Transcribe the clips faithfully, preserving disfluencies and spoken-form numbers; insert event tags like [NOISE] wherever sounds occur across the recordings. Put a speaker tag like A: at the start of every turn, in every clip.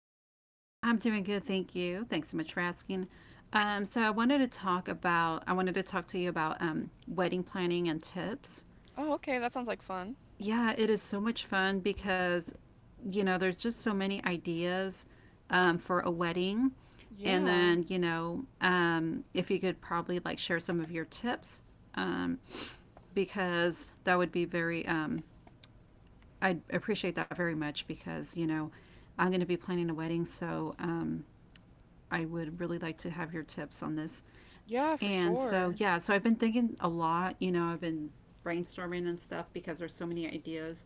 A: about you?
B: I'm doing good, thank you. Thanks so much for asking. Um, so I wanted to talk about I wanted to talk to you about um, wedding planning and tips.
A: Oh, okay. That sounds like fun.
B: Yeah, it is so much fun because you know there's just so many ideas um, for a wedding, and
A: Yeah.
B: then you know um, if you could probably like share some of your tips, um, because that would be very, um, I'd appreciate that very much because you know I'm going to be planning a wedding, so um, I would really like to have your tips on this.
A: Yeah, for
B: And so,
A: sure.
B: yeah, so I've been thinking a lot. You know, I've been brainstorming and stuff because there's so many ideas.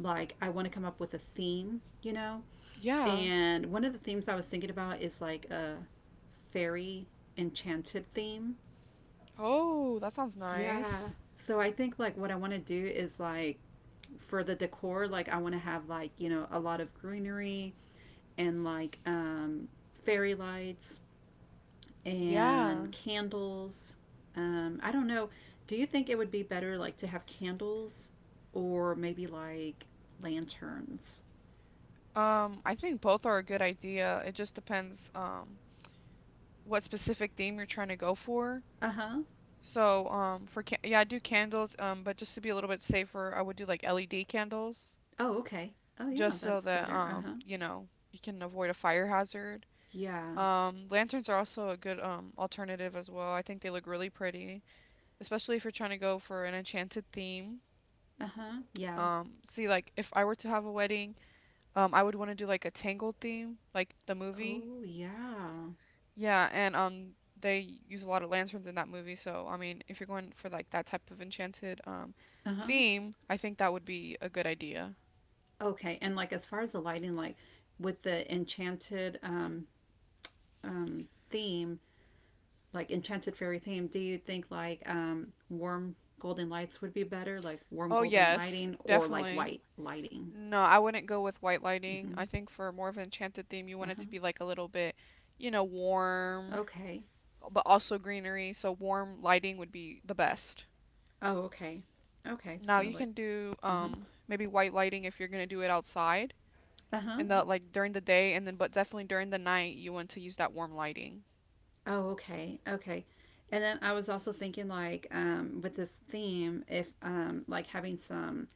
B: Like, I want to come up with a theme, you know?
A: Yeah.
B: And one of the themes I was thinking about is like a fairy enchanted theme.
A: Oh, that sounds
B: Yeah.
A: nice.
B: So I think like what I want to do is like for the decor, like I want to have like, you know, a lot of greenery and like um fairy lights and
A: Yeah.
B: candles. Um, I don't know. Do you think it would be better like to have candles or maybe like lanterns?
A: Um, I think both are a good idea. It just depends um what specific theme you're trying to go for.
B: Uh huh.
A: So, um for ca yeah, I do candles, um but just to be a little bit safer, I would do like L E D candles
B: Oh, okay. Oh, yeah,
A: just so
B: that's
A: that
B: better. Uh
A: um,
B: huh.
A: you know, you can avoid a fire hazard.
B: Yeah.
A: Um, lanterns are also a good um alternative as well. I think they look really pretty, especially if you're trying to go for an enchanted theme.
B: Uh huh. Yeah.
A: Um, see, like if I were to have a wedding, um, I would want to do like a Tangled theme, like the movie.
B: Oh, yeah.
A: Yeah, and um, they use a lot of lanterns in that movie, so I mean, if you're going for like that type of enchanted um
B: Uh huh.
A: theme, I think that would be a good idea.
B: Okay. And like as far as the lighting, like with the enchanted, um, um, theme, like enchanted fairy theme. Do you think like um, warm golden lights would be better, like warm
A: Oh
B: golden
A: yes,
B: lighting or like
A: definitely.
B: white lighting?
A: No, I wouldn't go with white lighting.
B: Hmm.
A: I think for more of an enchanted theme, you
B: Uh
A: want it
B: huh.
A: to be like a little bit, you know, warm,
B: Okay.
A: but also greenery. So warm lighting would be the best.
B: Oh, okay. Okay.
A: Now
B: So
A: you
B: like,
A: can do
B: uh huh.
A: um maybe white lighting if you're gonna do it outside
B: Uh huh.
A: in the Mhm. like during the day, and then but definitely during the night you want to use that warm lighting.
B: Oh, okay. Okay. And then I was also thinking like um, with this theme, if um, like having some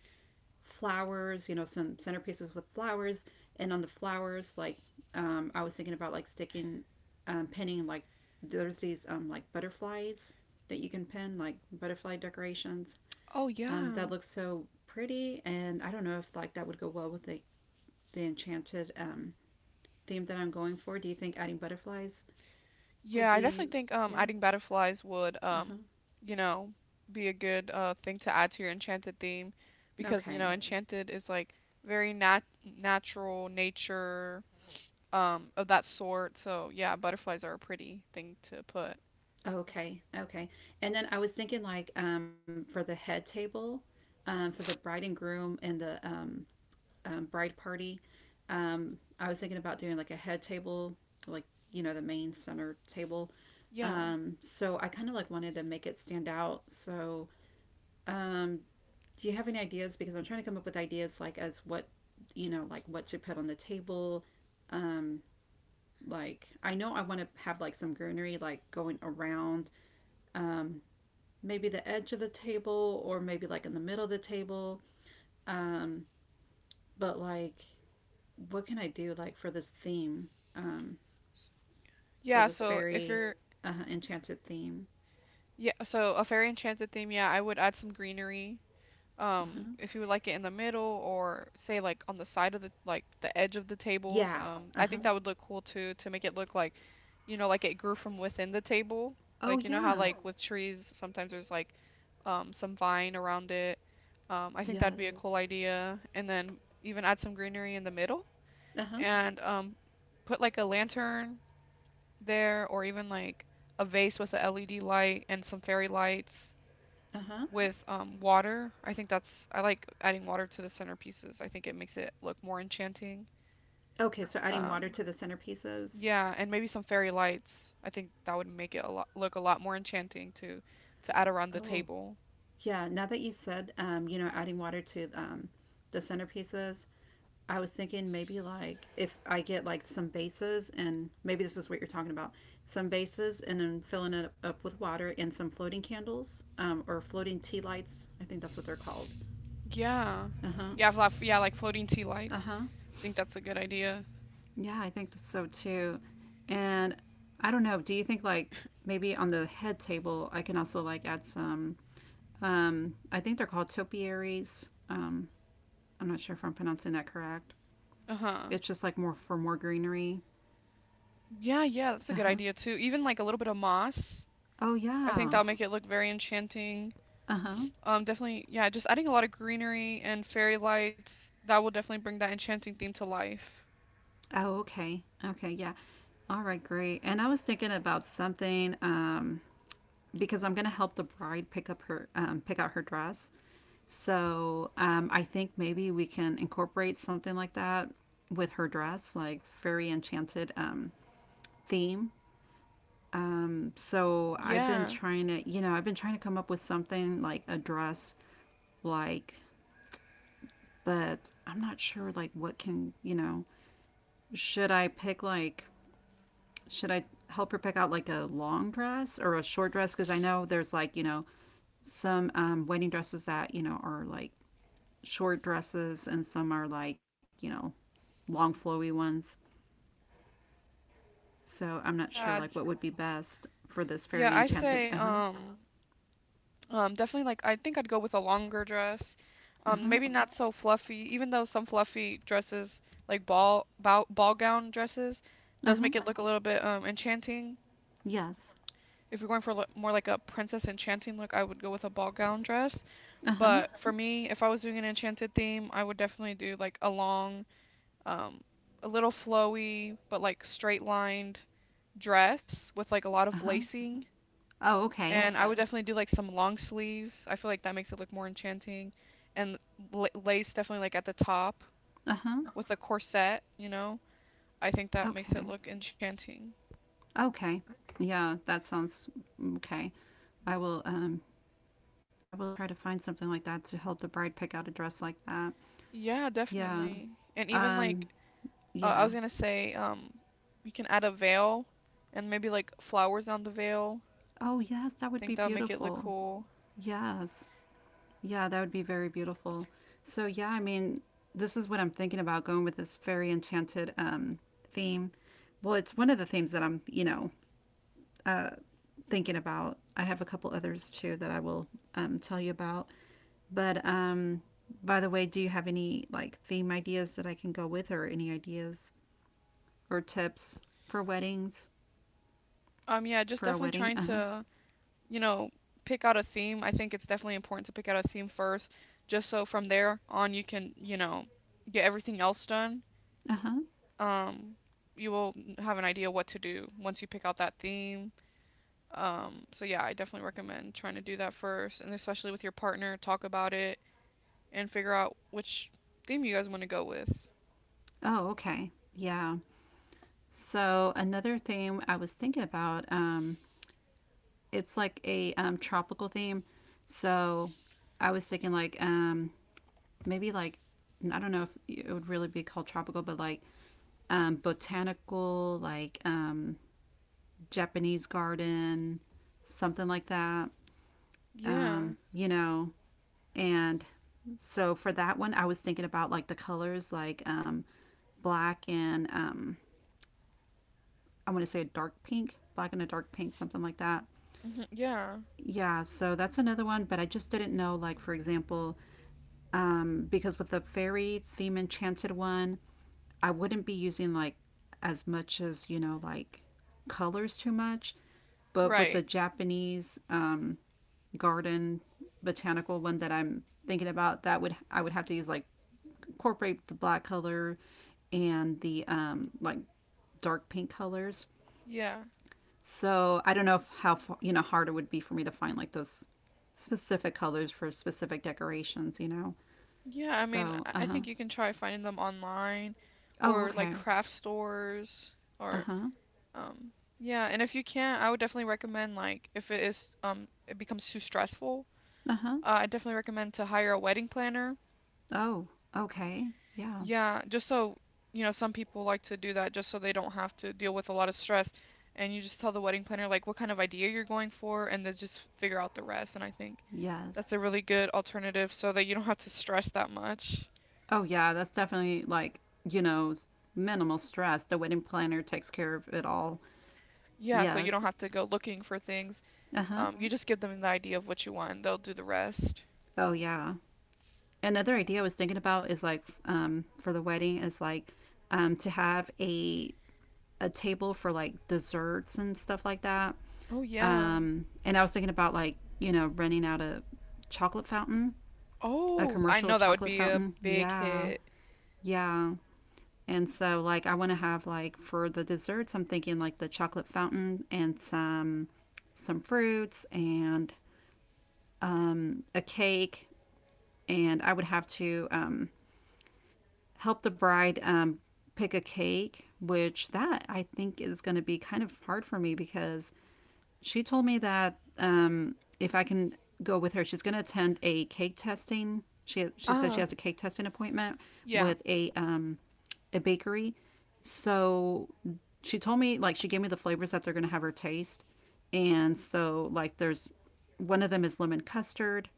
B: flowers, you know, some centerpieces with flowers. And on the flowers, like, um, I was thinking about like sticking, um, pinning like there's these um, like butterflies that you can pin, like butterfly decorations.
A: Oh
B: Um,
A: yeah.
B: that looks so pretty. And I don't know if like that would go well with the, the enchanted um, theme that I'm going for. Do you think adding butterflies would
A: Yeah, I
B: be,
A: definitely think um
B: yeah?
A: adding butterflies would
B: Uh
A: um
B: huh.
A: you know be a good uh thing to add to your enchanted theme because you know
B: Okay.
A: Mhm. enchanted is like very nat natural nature um of that sort. So yeah, butterflies are a pretty thing to put.
B: Okay, okay. And then I was thinking like, um, for the head table, um, for the bride and groom and the um, um, bride party, um, I was thinking about doing like a head table, like you know the main center table.
A: Yeah.
B: Um, so I kind of like wanted to make it stand out. So, um, do you have any ideas? Because I'm trying to come up with ideas like as what you know like what to put on the table um like I know I want to have like some greenery like going around, um maybe the edge of the table or maybe like in the middle of the table. Um, but like, what can I do like for this theme, um, for
A: Yeah,
B: this
A: so if
B: fairy
A: you're
B: uh, enchanted theme?
A: Yeah, so a fairy enchanted theme, yeah, I would add some greenery.
B: Uh
A: Um,
B: huh.
A: if you would like it in the middle or say like on the side of the like the edge of the tables,
B: Yeah.
A: um,
B: Uh
A: I
B: huh.
A: think that would look cool too to make it look like, you know, like it grew from within the table.
B: Oh
A: Like you know how
B: yeah.
A: like with trees sometimes there's like um some vine around it. Um, I think that'd be a
B: Yes.
A: cool idea. And then even add some greenery in the middle
B: Uh huh.
A: and um put like a lantern there, or even like a vase with a L E D light and some fairy lights
B: Uh huh.
A: with um, water. I think that's I like adding water to the centerpieces. I think it makes it look more enchanting.
B: Okay, so adding water
A: Um,
B: to the centerpieces.
A: yeah, and maybe some fairy lights. I think that would make it a lot look a lot more enchanting to to add around the
B: Oh,
A: table.
B: yeah, now that you said, um, you know, adding water to um, the centerpieces, I was thinking maybe like if I get like some vases and maybe this is what you're talking about, some vases and then filling it up with water and some floating candles, um, or floating tea lights. I think that's what they're called.
A: Yeah.
B: Uh huh.
A: Yeah, fla- yeah, like floating tea
B: Uh
A: lights.
B: huh.
A: I think that's a good idea.
B: Yeah, I think so too. And I don't know. Do you think like maybe on the head table I can also like add some? Um, I think they're called topiaries. Um, I'm not sure if I'm pronouncing that correct.
A: Uh-huh.
B: It's just like more for more greenery.
A: Yeah, yeah, that's a
B: Uh
A: good
B: huh.
A: idea too. Even like a little bit of moss.
B: Oh,
A: I think
B: yeah.
A: that'll make it look very enchanting.
B: Uh huh.
A: Um, definitely, yeah, just adding a lot of greenery and fairy lights, that will definitely bring that enchanting theme to life.
B: Oh, okay. Okay, yeah. All right, great. And I was thinking about something, um, because I'm going to help the bride pick up her um, pick out her dress. So um, I think maybe we can incorporate something like that with her dress, like fairy enchanted um, theme. Um, so I've been
A: Yeah.
B: trying to, you know, I've been trying to come up with something like a dress, like, but I'm not sure like what can you know. Should I pick like should I help her pick out like a long dress or a short dress? Because I know there's like you know some, um, wedding dresses that you know are like short dresses and some are like you know long flowy ones. So I'm not sure
A: Yeah,
B: like what would be best for this
A: Yeah,
B: fairy
A: I
B: enchanted.
A: say
B: Uh huh.
A: um um definitely like I think I'd go with a longer dress.
B: Uh
A: Um
B: huh.
A: maybe not so fluffy, even though some fluffy dresses like ball ball, ball gown dresses
B: Uh
A: does
B: huh.
A: make it look a little bit um enchanting.
B: Yes.
A: If you're going for lo- more like a princess enchanting look, I would go with a ball gown dress.
B: Uh huh.
A: But for me, if I was doing an enchanted theme, I would definitely do like a long um, a little flowy but like straight lined dress with like a lot of
B: Uh huh.
A: lacing.
B: Oh okay.
A: And okay. I would definitely do like some long sleeves. I feel like that makes it look more enchanting. And la- lace definitely like at the top
B: Uh huh.
A: with a corset, you know? I think that makes it
B: Okay.
A: look enchanting.
B: Okay. Yeah, that sounds, mm, okay. I will um I will try to find something like that to help the bride pick out a dress like that.
A: Yeah,
B: Yeah.
A: definitely. And even like
B: Um
A: uh, I
B: yeah.
A: was gonna say, um, you can add a veil and maybe like flowers on the veil.
B: Oh yes, that
A: I
B: would
A: think
B: be
A: that would make it look
B: beautiful.
A: cool.
B: Yes. Yeah, that would be very beautiful. So yeah, I mean, this is what I'm thinking about going with this fairy enchanted um theme. Well, it's one of the themes that I'm, you know, uh thinking about. I have a couple others too that I will, um, tell you about. But um, by the way, do you have any like theme ideas that I can go with, or any ideas or tips for weddings
A: Um, yeah, just
B: for a
A: definitely
B: wedding?
A: trying
B: Uh huh.
A: to you know, pick out a theme. I think it's definitely important to pick out a theme first, just so from there on you can, you know, get everything else done.
B: Uh huh.
A: Um, you will have an idea what to do once you pick out that theme. Um, so yeah, I definitely recommend trying to do that first, and especially with your partner, talk about it and figure out which theme you guys want to go with.
B: Oh, okay. Yeah. So another theme I was thinking about. Um, it's like a um, tropical theme. So I was thinking like um, maybe like I don't know if it would really be called tropical, but like um, botanical, like um, Japanese garden, something like that.
A: Yeah,
B: Um, you know, and so for that one, I was thinking about like the colors, like um, black and um, I want to say a dark pink, black and a dark pink, something like that.
A: yeah,
B: Yeah, so that's another one, but I just didn't know, like, for example, um, because with the fairy theme enchanted one, I wouldn't be using like as much as you know like colors too much, but with the
A: right.
B: Japanese um, garden botanical one that I'm thinking about, that would I would have to use like incorporate the black color and the, um, like dark pink colors.
A: Yeah,
B: So I don't know if how you know hard it would be for me to find like those specific colors for specific decorations. You know.
A: yeah. I mean,
B: So,
A: I
B: uh
A: I
B: huh.
A: think you can try finding them online
B: Oh,
A: or like
B: okay.
A: craft stores
B: Uh
A: or
B: huh.
A: Um, yeah, and if you can't, I would definitely recommend like if it is um it becomes too stressful,
B: Uh huh.
A: uh, I definitely recommend to hire a wedding planner.
B: Oh, okay. Yeah.
A: Yeah, just so you know, some people like to do that just so they don't have to deal with a lot of stress, and you just tell the wedding planner like what kind of idea you're going for, and they just figure out the rest. And I think that's
B: Yes.
A: a really good alternative so that you don't have to stress that much.
B: Oh, yeah. That's definitely like, you know, s- minimal stress. The wedding planner takes care of it all.
A: Yeah, so you
B: Yes.
A: don't have to go looking for things.
B: Uh huh.
A: Um, you just give them the idea of what you want, and they'll do the rest.
B: Oh, yeah. Another idea I was thinking about is like, f- um, for the wedding is like, um, to have a a table for like desserts and stuff like that.
A: Oh yeah.
B: Um, and I was thinking about like, you know, running out a chocolate fountain, a
A: Oh, I
B: commercial
A: know that would
B: chocolate
A: be a
B: fountain.
A: big
B: Yeah.
A: hit.
B: Yeah. And so like I want to have like for the desserts I'm thinking like the chocolate fountain and some some fruits and a cake and I would have to um help the bride um, pick a cake, which that I think is going to be kind of hard for me because she told me that um, if I can go with her, she's going to attend a cake testing. She she said she
A: Ah,
B: has a cake testing appointment
A: yeah.
B: with a um, a bakery. So she told me like she gave me the flavors that they're going to have her taste, and so like there's one of them is lemon custard,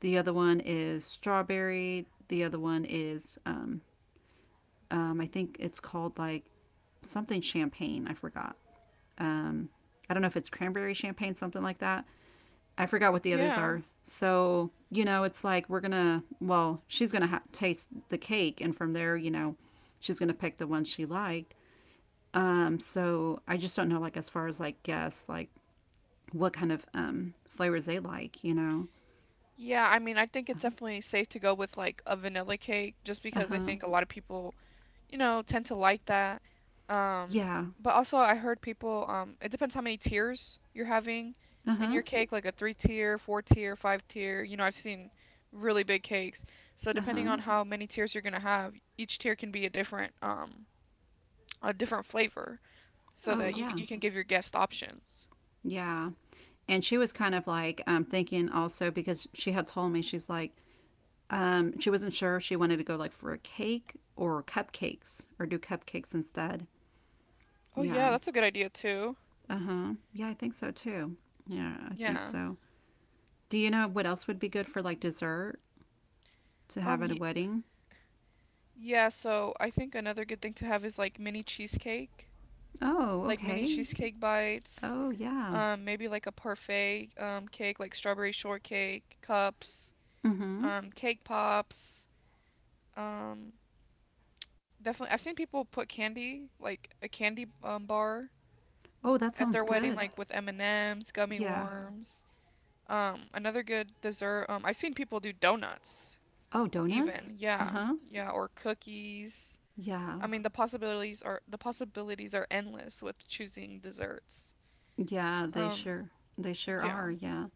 B: the other one is strawberry, the other one is um, um, I think it's called like something champagne. I forgot. Um, I don't know if it's cranberry champagne, something like that. I forgot what the others
A: Yeah.
B: are. So, you know, it's like we're going to, well, she's going to ha- taste the cake. And from there, you know, she's going to pick the ones she liked. Um, so I just don't know, like, as far as like guess, like what kind of um, flavors they like, you know?
A: Yeah, I mean, I think it's definitely safe to go with like a vanilla cake just
B: Uh
A: because I
B: huh.
A: think a lot of people, you know, tend to like that. Um,
B: Yeah.
A: but also I heard people, um, it depends how many tiers you're having
B: Uh
A: in
B: huh.
A: your cake, like a three tier, four tier, five tier. You know, I've seen really big cakes. So
B: Uh
A: depending
B: huh.
A: on how many tiers you're gonna have, each tier can be a different, um, a different flavor so
B: Oh,
A: that you c-
B: yeah.
A: you can give your guests options.
B: Yeah. And she was kind of like um, thinking also because she had told me she's like um, she wasn't sure if she wanted to go like for a cake or cupcakes or do cupcakes instead.
A: Oh
B: Yeah.
A: yeah, that's a good idea too.
B: Uh huh. Yeah, I think so too. Yeah, I think
A: Yeah.
B: so. Do you know what else would be good for like dessert to have
A: Um
B: at a
A: y
B: wedding?
A: yeah, so I think another good thing to have is like mini cheesecake,
B: Oh,
A: like mini
B: okay.
A: cheesecake bites,
B: Oh yeah.
A: um maybe like a parfait um cake like strawberry shortcake, cups,
B: Mm hmm.
A: um cake pops. Um definitely I've seen people put candy, like a candy um bar
B: Oh, that
A: at
B: sounds
A: their wedding
B: good.
A: like with M&Ms, gummy
B: Yeah.
A: worms. Um another good dessert, um I've seen people do donuts
B: Oh, donuts.
A: even.
B: Uh
A: Yeah.
B: huh.
A: Yeah, or cookies.
B: Yeah.
A: I mean, the possibilities are the possibilities are endless with choosing desserts.
B: Yeah, they
A: Um,
B: sure they sure
A: yeah.
B: are. Yeah.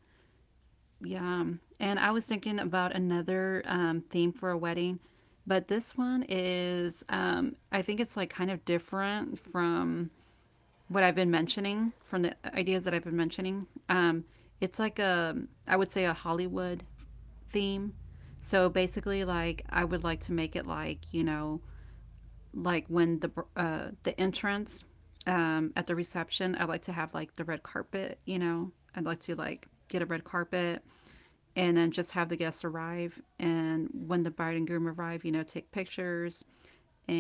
B: Yeah. And I was thinking about another um, theme for a wedding, but this one is, um, I think it's like kind of different from what I've been mentioning, from the ideas that I've been mentioning. Um, it's like a, I would say, a Hollywood theme. So basically, like, I would like to make it like, you know, like when the uh, the entrance, um, at the reception, I like to have like the red carpet. You know, I'd like to like get a red carpet, and then just have the guests arrive. And when the bride and groom arrive, you know, take pictures,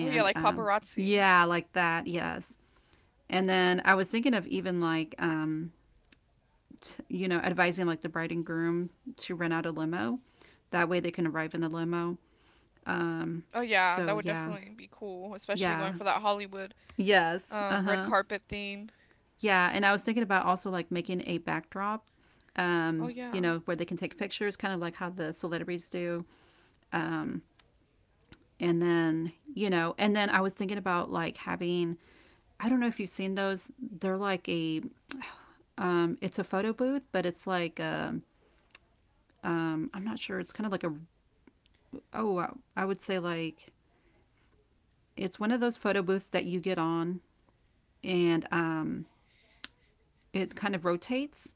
A: Oh yeah, like
B: um,
A: paparazzi.
B: yeah, like that. Yes. And then I was thinking of even like, um, t- you know, advising like the bride and groom to rent out a limo. That way they can arrive in a limo.
A: Oh yeah,
B: So
A: that would
B: yeah,
A: definitely be cool, especially
B: yeah,
A: going for that Hollywood
B: yes, uh
A: um red
B: huh.
A: carpet theme.
B: Yeah, and I was thinking about also like making a backdrop,
A: Oh
B: um, you
A: yeah.
B: know, where they can take pictures, kind of like how the celebrities do. And then, you know, and then I was thinking about like having, I don't know if you've seen those. They're like a, um, it's a photo booth, but it's like, um, um I'm not sure. It's kind of like a, oh, I- I would say like, it's one of those photo booths that you get on and um, it kind of rotates,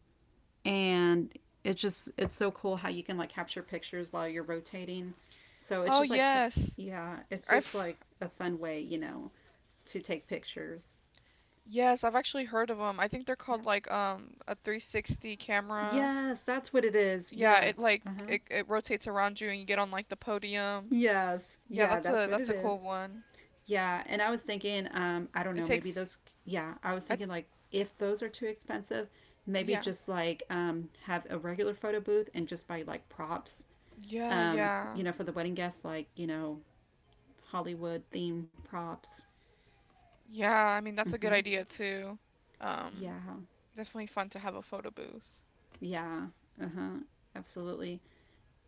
B: and it's just it's so cool how you can like capture pictures while you're rotating. So it's
A: Oh
B: just like so-
A: yes.
B: yeah, it's just
A: I've
B: like a fun way, you know, to take pictures.
A: yes, I've actually heard of them. I think they're
B: Yeah.
A: called like um a three sixty camera.
B: Yes, that's what it is.
A: Yeah, it
B: Yes.
A: like
B: Uh-huh.
A: it, it rotates around you and you get on like the podium.
B: Yes.
A: Yeah,
B: Yeah,
A: that's
B: that's
A: a
B: what it
A: that's a cool
B: is.
A: one.
B: Yeah, and I was thinking, um I don't
A: It
B: know, maybe
A: takes
B: those, yeah, I was
A: I
B: thinking like if those are too expensive, maybe
A: yeah.
B: just like um have a regular photo booth and just buy like props,
A: Yeah,
B: um
A: yeah.
B: you know, for the wedding guests like, you know, Hollywood themed props.
A: Yeah, I mean that's a good
B: Hmm.
A: idea too. Um,
B: Yeah,
A: definitely fun to have a photo booth.
B: yeah, uh huh, absolutely.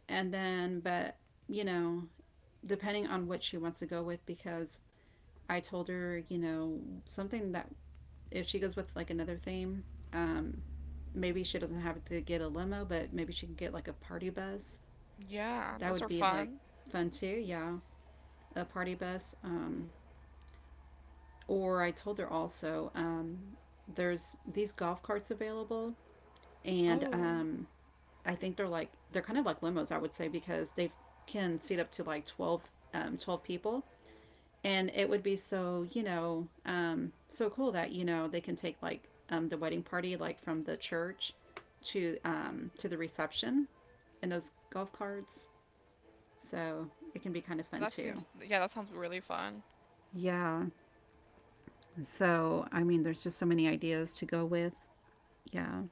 B: And then, but you know, depending on what she wants to go with, because I told her, you know, something that if she goes with like another theme, um, maybe she doesn't have to get a limo, but maybe she can get like a party bus.
A: Yeah,
B: That
A: those
B: would
A: are
B: be like
A: fun.
B: fun too. Yeah, a party bus. Um, or I told her also, um, there's these golf carts available, and
A: Oh,
B: um, I think they're like they're kind of like limos, I would say, because they can seat up to like twelve, um, twelve people, and it would be so, you know, um, so cool that, you know, they can take like, um, the wedding party like from the church to, um, to the reception, and those golf carts, so it can be kind of fun
A: that seems,
B: too.
A: yeah, that sounds really fun.
B: Yeah. So I mean, there's just so many ideas to go with. Yeah.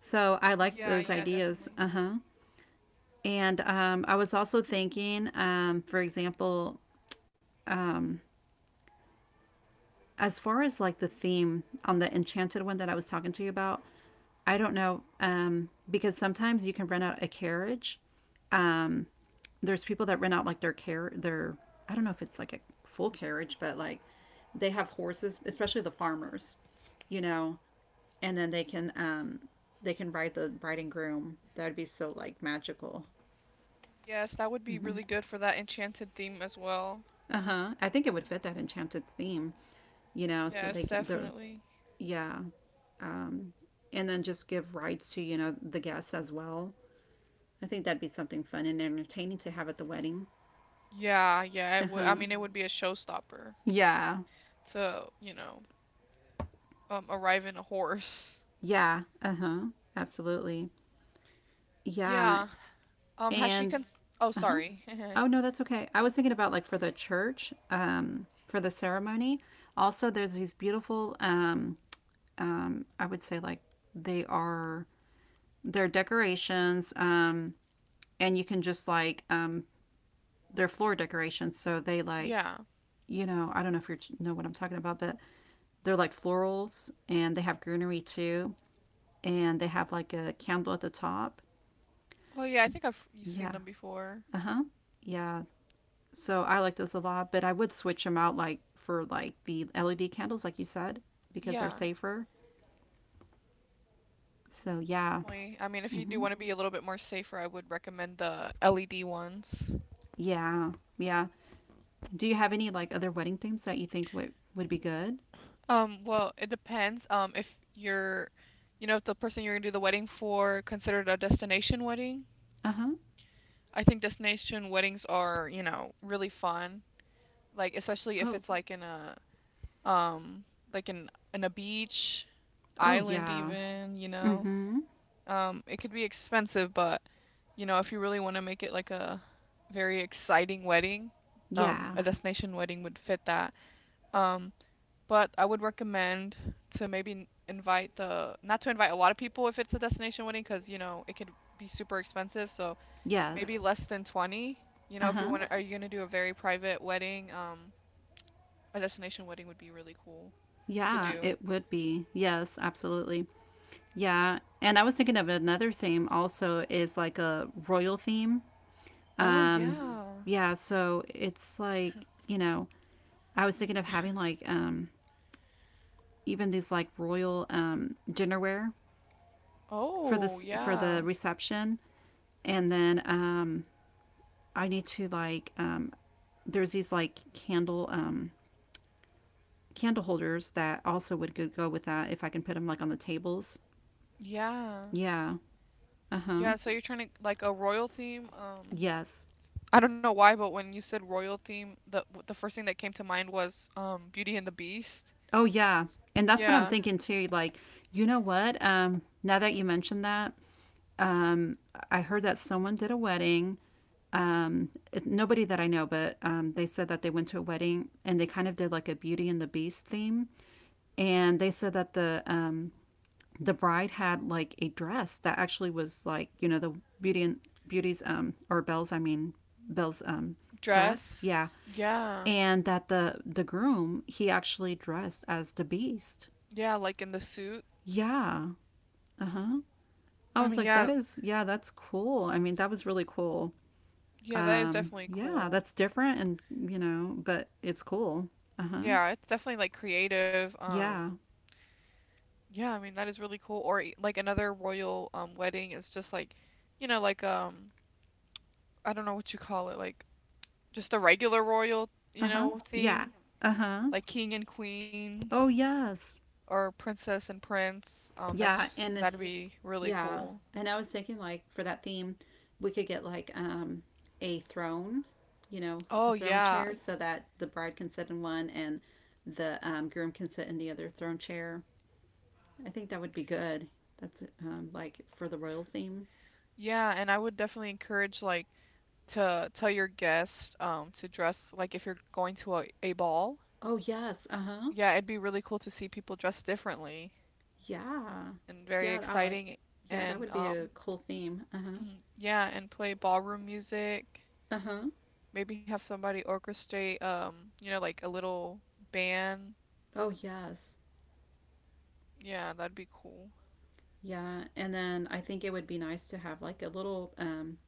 B: So I
A: Yeah,
B: like
A: yeah,
B: those
A: definitely.
B: ideas. Uh huh. And um, I was also thinking, um, for example, as far as like the theme on the enchanted one that I was talking to you about, I don't know um, because sometimes you can rent out a carriage. Um, there's people that rent out like their car their I don't know if it's like a full carriage, but like they have horses, especially the farmers, you know, and then they can um, they can ride the bride and groom. That would be so like magical.
A: Yes, that would be really good for that enchanted theme as well.
B: Uh huh. I think it would fit that enchanted theme, you know. So
A: Yes,
B: they can, they're,
A: definitely.
B: yeah, and then just give rights to, you know, the guests as well. I think that'd be something fun and entertaining to have at the wedding.
A: Yeah, yeah,
B: Uh
A: it would. I
B: huh.
A: mean, it would be a showstopper
B: Yeah.
A: to, you know, um, arrive in a horse. [LAUGHS]
B: Yeah. Uh huh. Absolutely. Yeah.
A: Yeah. Um, has she
B: And
A: cons- Oh,
B: uh huh.
A: sorry.
B: Oh no,
A: [LAUGHS]
B: that's okay. I was thinking about like for the church, um, for the ceremony. Also, there's these beautiful, um, um, I would say like they are their decorations. Um, and you can just like um they're floor decorations, so they like,
A: Yeah.
B: you know, I don't know if you know what I'm talking about, but they're like florals, and they have greenery too, and they have like a candle at the top.
A: Oh, yeah, I think I've you've seen
B: Yeah.
A: them before.
B: Uh-huh. Yeah. So I like those a lot, but I would switch them out like for like the LED candles, like you said, because they're
A: Yeah.
B: safer, so yeah.
A: Definitely. I mean, if you do
B: Hmm.
A: want to be a little bit more safer, I would recommend the L E D ones.
B: Yeah, yeah, do you have any like other wedding themes that you think would would be good?
A: Um, well, it depends. Um, if you're, you know, if the person you're gonna do the wedding for considered a destination wedding,
B: Uh-huh.
A: I think destination weddings are, you know, really fun. Like, especially if
B: Oh.
A: it's like in a, um, like in in a beach,
B: Oh
A: island
B: yeah.
A: even, you know.
B: Mm-hmm.
A: Um, it could be expensive, but, you know, if you really want to make it like a very exciting wedding, um,
B: Yeah.
A: a destination wedding would fit that. Um, but I would recommend to maybe n- invite the not to invite a lot of people if it's a destination wedding because you know it could be super expensive. So maybe
B: Yes.
A: less than twenty. You
B: Uh
A: know, if you
B: huh.
A: want to, are you gonna do a very private wedding? Um, a destination wedding would be really cool to
B: Yeah,
A: do.
B: it would be. Yes, absolutely. Yeah. And I was thinking of another theme also is like a royal theme.
A: Oh
B: Um,
A: yeah.
B: yeah, so it's like, you know, I was thinking of having like um even these like royal um dinnerware for
A: Oh
B: this for the
A: yeah.
B: reception. And then um I need to like um there's these like candle um candle holders that also would go with that if I can put them like on the tables.
A: Yeah.
B: Yeah. Uh huh.
A: Yeah, so you're trying to like a royal theme. Um,
B: Yes.
A: I don't know why, but when you said royal theme, the the first thing that came to mind was um Beauty and the Beast.
B: Oh yeah. And that's what I'm
A: Yeah.
B: thinking too. Like, you know what? Um, now that you mentioned that, um, I heard that someone did a wedding. Um, it- nobody that I know, but um, they said that they went to a wedding, and they kind of did like a Beauty and the Beast theme, and they said that the um, the bride had like a dress that actually was like, you know, the beauty and beauty's um or Belle's, I mean, Belle's um dress,
A: Dress.
B: yeah.
A: Yeah.
B: And that the the groom, he actually dressed as the Beast.
A: Yeah, like in the suit.
B: Yeah. Uh-huh.
A: I
B: I
A: mean,
B: was like,
A: yeah,
B: that is, yeah, that's cool. I mean, that was really cool.
A: yeah, that is
B: Um
A: definitely
B: yeah,
A: cool.
B: that's different, and you know, but it's cool. Uh-huh.
A: Yeah, it's definitely like creative. Um,
B: Yeah.
A: yeah, I mean, that is really cool. Or e- like another royal um wedding is just like, you know, like um I don't know what you call it, like just a regular royal, you
B: Uh-huh.
A: know,
B: Yeah.
A: theme,
B: Uh-huh.
A: like king and queen
B: Oh yes.
A: or princess and prince. Um,
B: Yeah,
A: that's
B: and
A: that'd
B: if,
A: be really
B: yeah,
A: cool.
B: and I was thinking like for that theme, we could get like um a throne, you know, a
A: Oh
B: throne
A: yeah.
B: chair so that the bride can sit in one, and the um, groom can sit in the other throne chair. I think that would be good. That's um like for the royal theme.
A: Yeah, and I would definitely encourage like to tell your guests um, to dress like if you're going to a, a ball.
B: Oh yes, uh huh.
A: Yeah, it'd be really cool to see people dress differently
B: Yeah,
A: and very
B: yeah, I like.
A: exciting
B: Yeah, that
A: and
B: would be a
A: um
B: cool theme. Uh huh.
A: [CLEARS THROAT] yeah, and play ballroom music.
B: Uh huh.
A: Maybe have somebody orchestrate um, you know, like a little band.
B: Oh yes.
A: Yeah, that'd be cool.
B: Yeah, and then I think it would be nice to have like a little, um,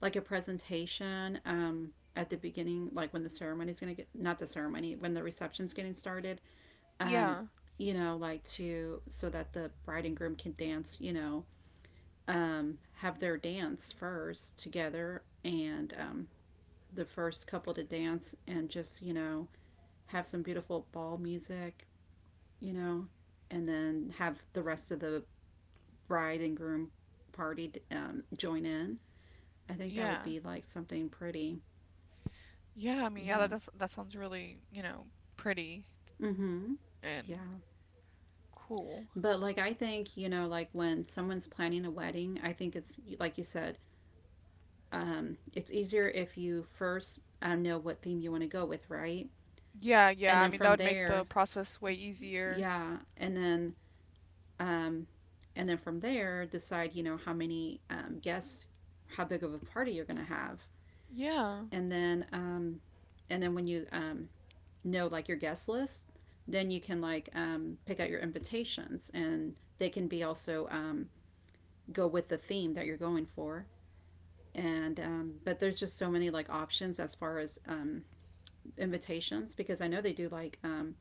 B: like a presentation um, at the beginning, like when the ceremony's going to get, not the ceremony, when the reception's getting started, um,
A: Yeah.
B: you know, like to, so that the bride and groom can dance, you know, um, have their dance first together and um, the first couple to dance, and just, you know, have some beautiful ball music, you know, and then have the rest of the bride and groom party um, join in. I think that would
A: Yeah.
B: be like something pretty.
A: Yeah, I mean, yeah,
B: Yeah.
A: that that's, that sounds really, you know, pretty
B: Mm-hmm.
A: and
B: Yeah.
A: cool.
B: But like I think, you know, like when someone's planning a wedding, I think it's like you said, um, it's easier if you first um, know what theme you want to go with, right?
A: Yeah,
B: And
A: yeah. I
B: then
A: mean, that
B: from
A: would make the
B: there,
A: process way easier.
B: yeah, and then um, and then from there decide, you know, how many um, guests, how big of a party you're gonna have,
A: Yeah.
B: and then um, and then when you um, know like your guest list, then you can like um, pick out your invitations, and they can be also um, go with the theme that you're going for, and um, but there's just so many like options as far as um, invitations, because I know they do like um,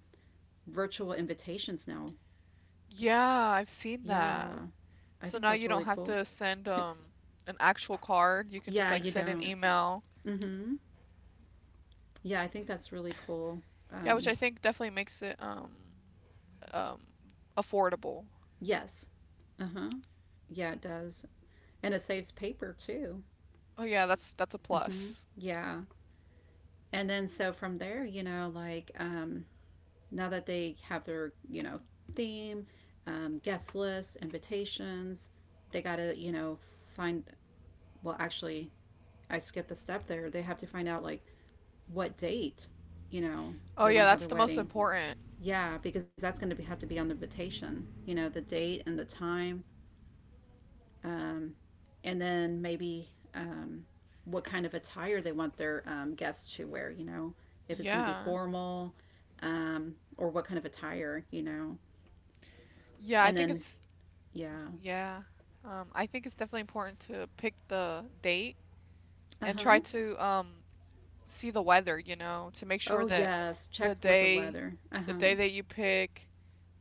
B: virtual invitations now,
A: Yeah, I've seen that.
B: yeah, I
A: So
B: think
A: now
B: that's
A: you don't
B: really
A: have
B: cool.
A: to send um an actual card. You
B: [LAUGHS]
A: can just
B: Yeah,
A: like
B: you
A: send an hmm
B: don't.
A: email.
B: Mm-hmm. Yeah, I think that's really cool.
A: Yeah, which
B: Um,
A: I think definitely makes it um um affordable.
B: yes, uh-huh. Yeah, it does, and it saves paper too.
A: Oh yeah, that's that's a
B: Mm-hmm.
A: plus.
B: Yeah. And then so from there, you know, like um, now that they have their, you know, theme, um, guest list, invitations, they got to, you know, find, well, actually, I skipped a step there. They have to find out, like, what date, you know,
A: Oh
B: they want
A: yeah,
B: to have their
A: that's the most
B: wedding.
A: important.
B: Yeah, because that's going to be, have to be on the invitation, you know, the date and the time. Um, and then maybe um, what kind of attire they want their um, guests to wear. You know, if it's going to be
A: Yeah.
B: formal, um, or what kind of attire. You know,
A: Yeah, I
B: and
A: think Yeah.
B: then
A: it's
B: yeah,
A: yeah. Um I think it's definitely important to pick the date
B: uh
A: and try
B: huh.
A: hmm to um see the weather, you know, to make sure
B: Oh
A: that
B: yes,
A: the
B: check with the
A: day
B: weather. Uh
A: the
B: huh.
A: day that you pick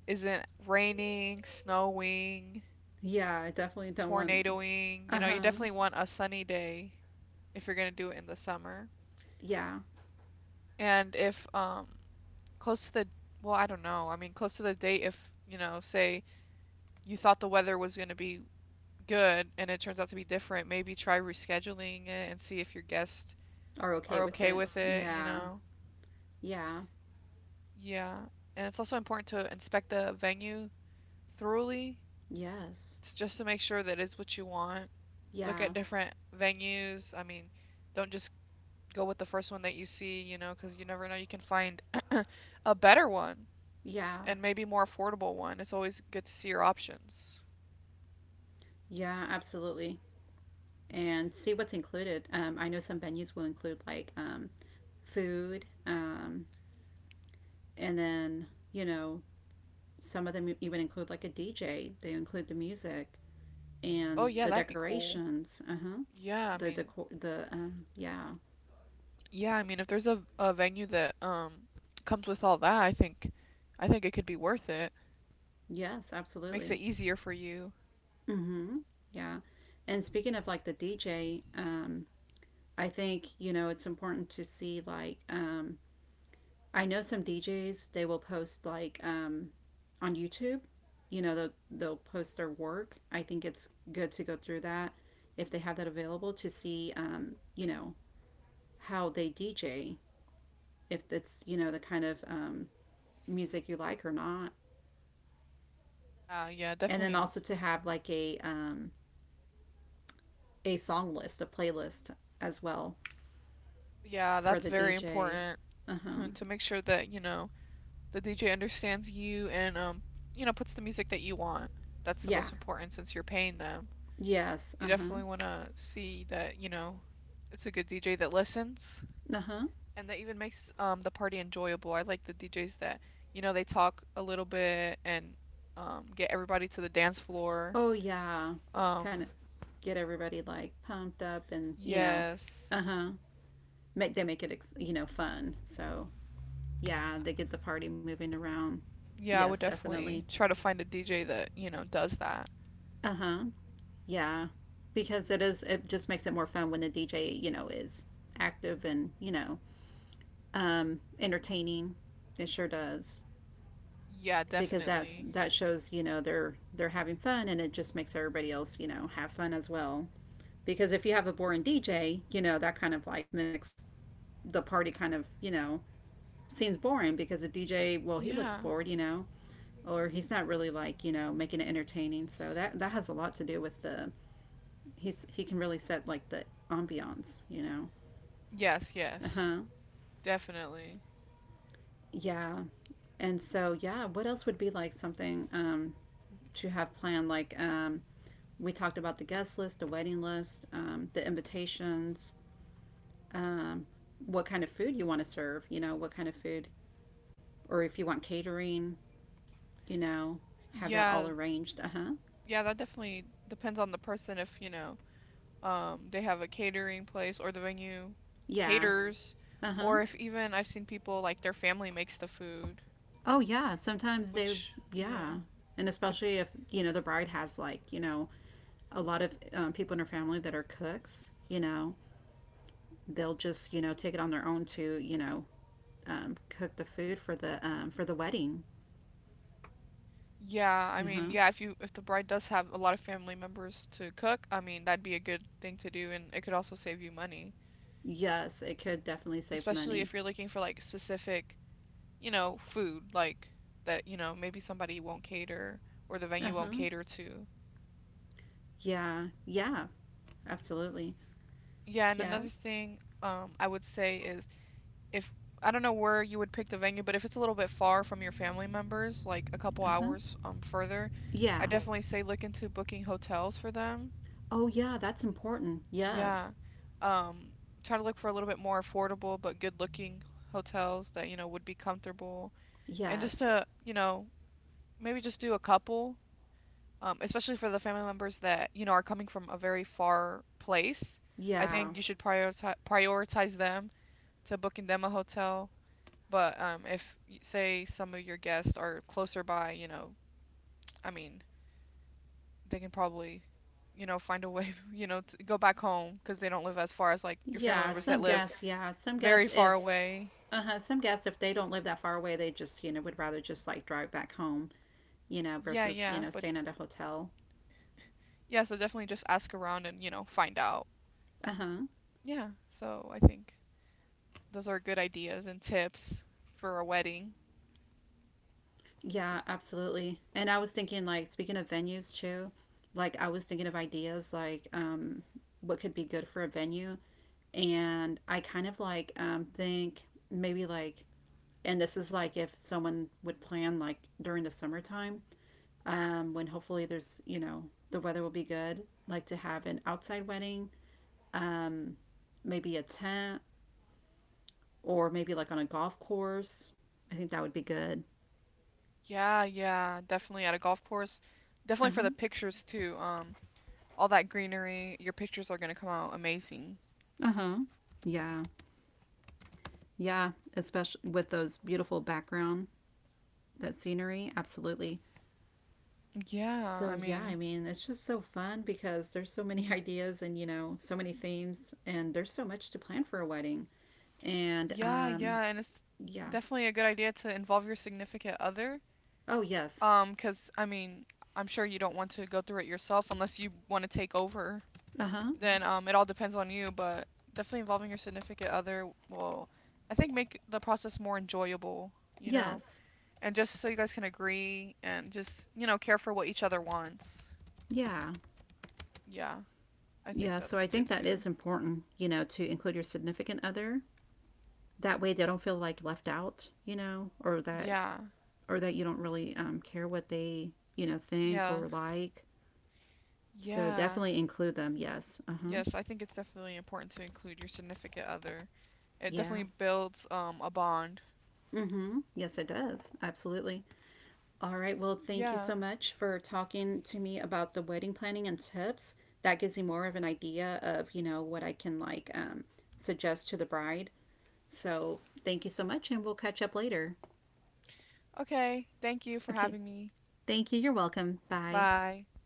A: isn't raining, snowing,
B: Yeah, I definitely don't want.
A: tornadoing. You
B: Uh
A: know, you
B: huh.
A: definitely want a sunny day if you're going to do it in the summer.
B: Yeah,
A: And if um close to the well, I don't know. I mean, close to the date if, you know, say you thought the weather was going to be good and it turns out to be different, maybe try rescheduling it and see if your guests
B: are okay
A: are
B: with
A: okay
B: it.
A: with it, you
B: Yeah,
A: know.
B: yeah,
A: Yeah. And it's also important to inspect the venue thoroughly.
B: yes,
A: It's just to make sure that it's what you want. Look
B: yeah,
A: at different venues. I mean, don't just go with the first one that you see, you know, because you never know. You can find a better one
B: yeah,
A: and maybe more affordable one. It's always good to see your options.
B: yeah. Absolutely. And see what's included. Um, I know some venues will include like um, food, um, and then you know some of them e-, even include like a D J. They include the music
A: Oh
B: and
A: yeah,
B: the
A: that'd be cool.
B: decorations. Uh huh.
A: Yeah, I
B: The
A: mean,
B: decor. The um, yeah.
A: yeah, I mean, if there's a a venue that um comes with all that, I think I think it could be worth it.
B: Yes,
A: Makes
B: absolutely.
A: it easier for you.
B: Mm-hmm. Yeah. And speaking of like the D J, um, I think you know it's important to see like um, I know some D Js they will post like um, on YouTube. You know they'll they'll post their work. I think it's good to go through that if they have that available to see um, you know how they D J if it's you know the kind of um, music you like or not,
A: Uh, yeah,
B: and then
A: definitely.
B: also to have like a um, a song list, a playlist as well
A: Yeah,
B: for
A: that's
B: the
A: very
B: D J.
A: important.
B: Uh huh.
A: [CLEARS THROAT] To make sure that, you know, the D J understands you and um, you know, puts the music that you want. That's the
B: Yeah.
A: most important since you're paying them.
B: Yes.
A: You
B: Uh huh.
A: definitely want to see that, you know, it's a good D J that listens
B: Uh huh.
A: and that even makes um the party enjoyable. I like the D Js that, you know, they talk a little bit and um get everybody to the dance floor.
B: Oh yeah, kind
A: Um,
B: of get everybody like pumped up and you know,
A: yes.
B: uh huh. Make they make it ex- you know fun. So yeah, they get the party moving around.
A: Yeah, I
B: Yes,
A: would
B: definitely.
A: definitely try to find a D J that, you know, does that.
B: Uh huh. Yeah, because it is. It just makes it more fun when the D J you know is active and you know um entertaining. It sure does
A: Yeah,
B: because that's
A: definitely.
B: that shows you know they're they're having fun, and it just makes everybody else you know have fun as well, because if you have a boring D J, you know that kind of like mimics the party. Kind of you know seems boring because a D J, well, he looks
A: Yeah.
B: bored, you know, or he's not really like you know making it entertaining. So that that has a lot to do with the he's he can really set like the ambiance, you know.
A: Yes,
B: Uh
A: yes.
B: huh.
A: Definitely.
B: Yeah. And so yeah, what else would be like something um, to have planned? Like um, we talked about the guest list, the wedding list, um, the invitations. Um, what kind of food you want to serve? You know, what kind of food, or if you want catering, you know, have that all
A: Yeah,
B: arranged. Uh huh.
A: yeah, that definitely depends on the person if, you know, um, they have a catering place or the venue, yeah,
B: Yeah.
A: caters,
B: Uh huh.
A: or if even I've seen people like their family makes the food,
B: Oh, yeah. Sometimes they,
A: which, yeah.
B: yeah.
A: Yeah.
B: And
A: could,
B: especially if, you know, the bride has like, you know, a lot of um, people in her family that are cooks, you know, they'll just, you know, take it on their own to, you know, um, cook the food for the um, for the wedding.
A: yeah, I
B: Uh
A: mean,
B: huh.
A: yeah, if you if the bride does have a lot of family members to cook, I mean, that'd be a good thing to do, and it could also save you money,
B: Yes, it could definitely save
A: especially
B: money.
A: if you're looking for like specific, you know, food like that, you know, maybe somebody won't cater or the
B: Uh
A: venue won't
B: huh.
A: cater to.
B: Yeah. Yeah. Absolutely.
A: Yeah, and
B: Yeah.
A: another thing um, I would say is if I don't know where you would pick the venue, but if it's a little bit far from your family members, like a couple
B: Uh huh.
A: hours um, further, I, yeah,
B: Yeah.
A: definitely say look into booking hotels for them.
B: Oh, yeah. That's important.
A: Yeah.
B: Yes.
A: Um, try to look for a little bit more affordable but good-looking hotels that, you know, would be comfortable. And just
B: Yes.
A: to, you know, maybe just do a couple, um, especially for the family members that, you know, are coming from a very far place. I, yeah,
B: Yeah.
A: think you should prioritize prioritize them to booking them a hotel. But um, if say some of your guests are closer by, you know, I mean, they can probably, you know, find a way, [LAUGHS] you know, to go back home because they don't live as far as like your family
B: Yeah.
A: members that
B: Some
A: live
B: guess. Yeah. Some guess
A: very far
B: if.
A: away.
B: Uh huh. Some guess if they don't live that far away, they just you know would rather just like drive back home, you know,
A: Yeah,
B: versus you
A: yeah.
B: know
A: But
B: staying at a hotel.
A: yeah, so definitely just ask around and, you know, find out.
B: Uh huh.
A: Yeah. So I think those are good ideas and tips for a wedding.
B: Yeah. Absolutely. And I was thinking like speaking of venues too, like I was thinking of ideas like um what could be good for a venue, and I kind of like um think maybe like, and this is like if someone would plan like during the summertime, um, when hopefully there's, you know, the weather will be good. Like to have an outside wedding, um, maybe a tent, or maybe like on a golf course. I think that would be good.
A: Yeah, yeah, definitely at a golf course.
B: Uh
A: Definitely
B: huh.
A: for the pictures too. Um, all that greenery, your pictures are going to come out amazing.
B: Uh huh. Yeah. Yeah. Especially with those beautiful background, that scenery. Absolutely.
A: Yeah, I
B: So, yeah, I
A: mean,
B: mean, it's just so fun because there's so many [LAUGHS] ideas and, you know, so many themes, and there's so much to plan for a wedding. And,
A: yeah,
B: um,
A: yeah, and it's
B: yeah.
A: definitely a good idea to involve your significant other.
B: Oh, yes.
A: Um, 'cause I mean, I'm sure you don't want to go through it yourself unless you want to take over.
B: Uh huh.
A: Then um, it all depends on you, but definitely involving your significant other will, I think, make the process more enjoyable, you know?
B: Yes.
A: And just so you guys can agree and just, you know, care for what each other wants.
B: Yeah.
A: Yeah, I think
B: Yeah. So I
A: that's
B: think
A: good
B: that is
A: too.
B: important, you know, to include your significant other. That way they don't feel like left out, you know, or that
A: Yeah,
B: or that you don't really um, care what they, you know, think
A: yeah.
B: or like. So
A: Yeah.
B: definitely include them. Yes. Uh huh.
A: Yes, I think it's definitely important to include your significant other. It
B: Yeah.
A: definitely builds um a bond.
B: Mm hmm. Yes, it does. Absolutely. All right. Well, thank you
A: Yeah.
B: so much for talking to me about the wedding planning and tips. That gives me more of an idea of, you know, what I can like um, suggest to the bride. So thank you so much, and we'll catch up later.
A: Okay. Thank you for
B: Okay.
A: having me.
B: Thank you. You're welcome. Bye.
A: Bye.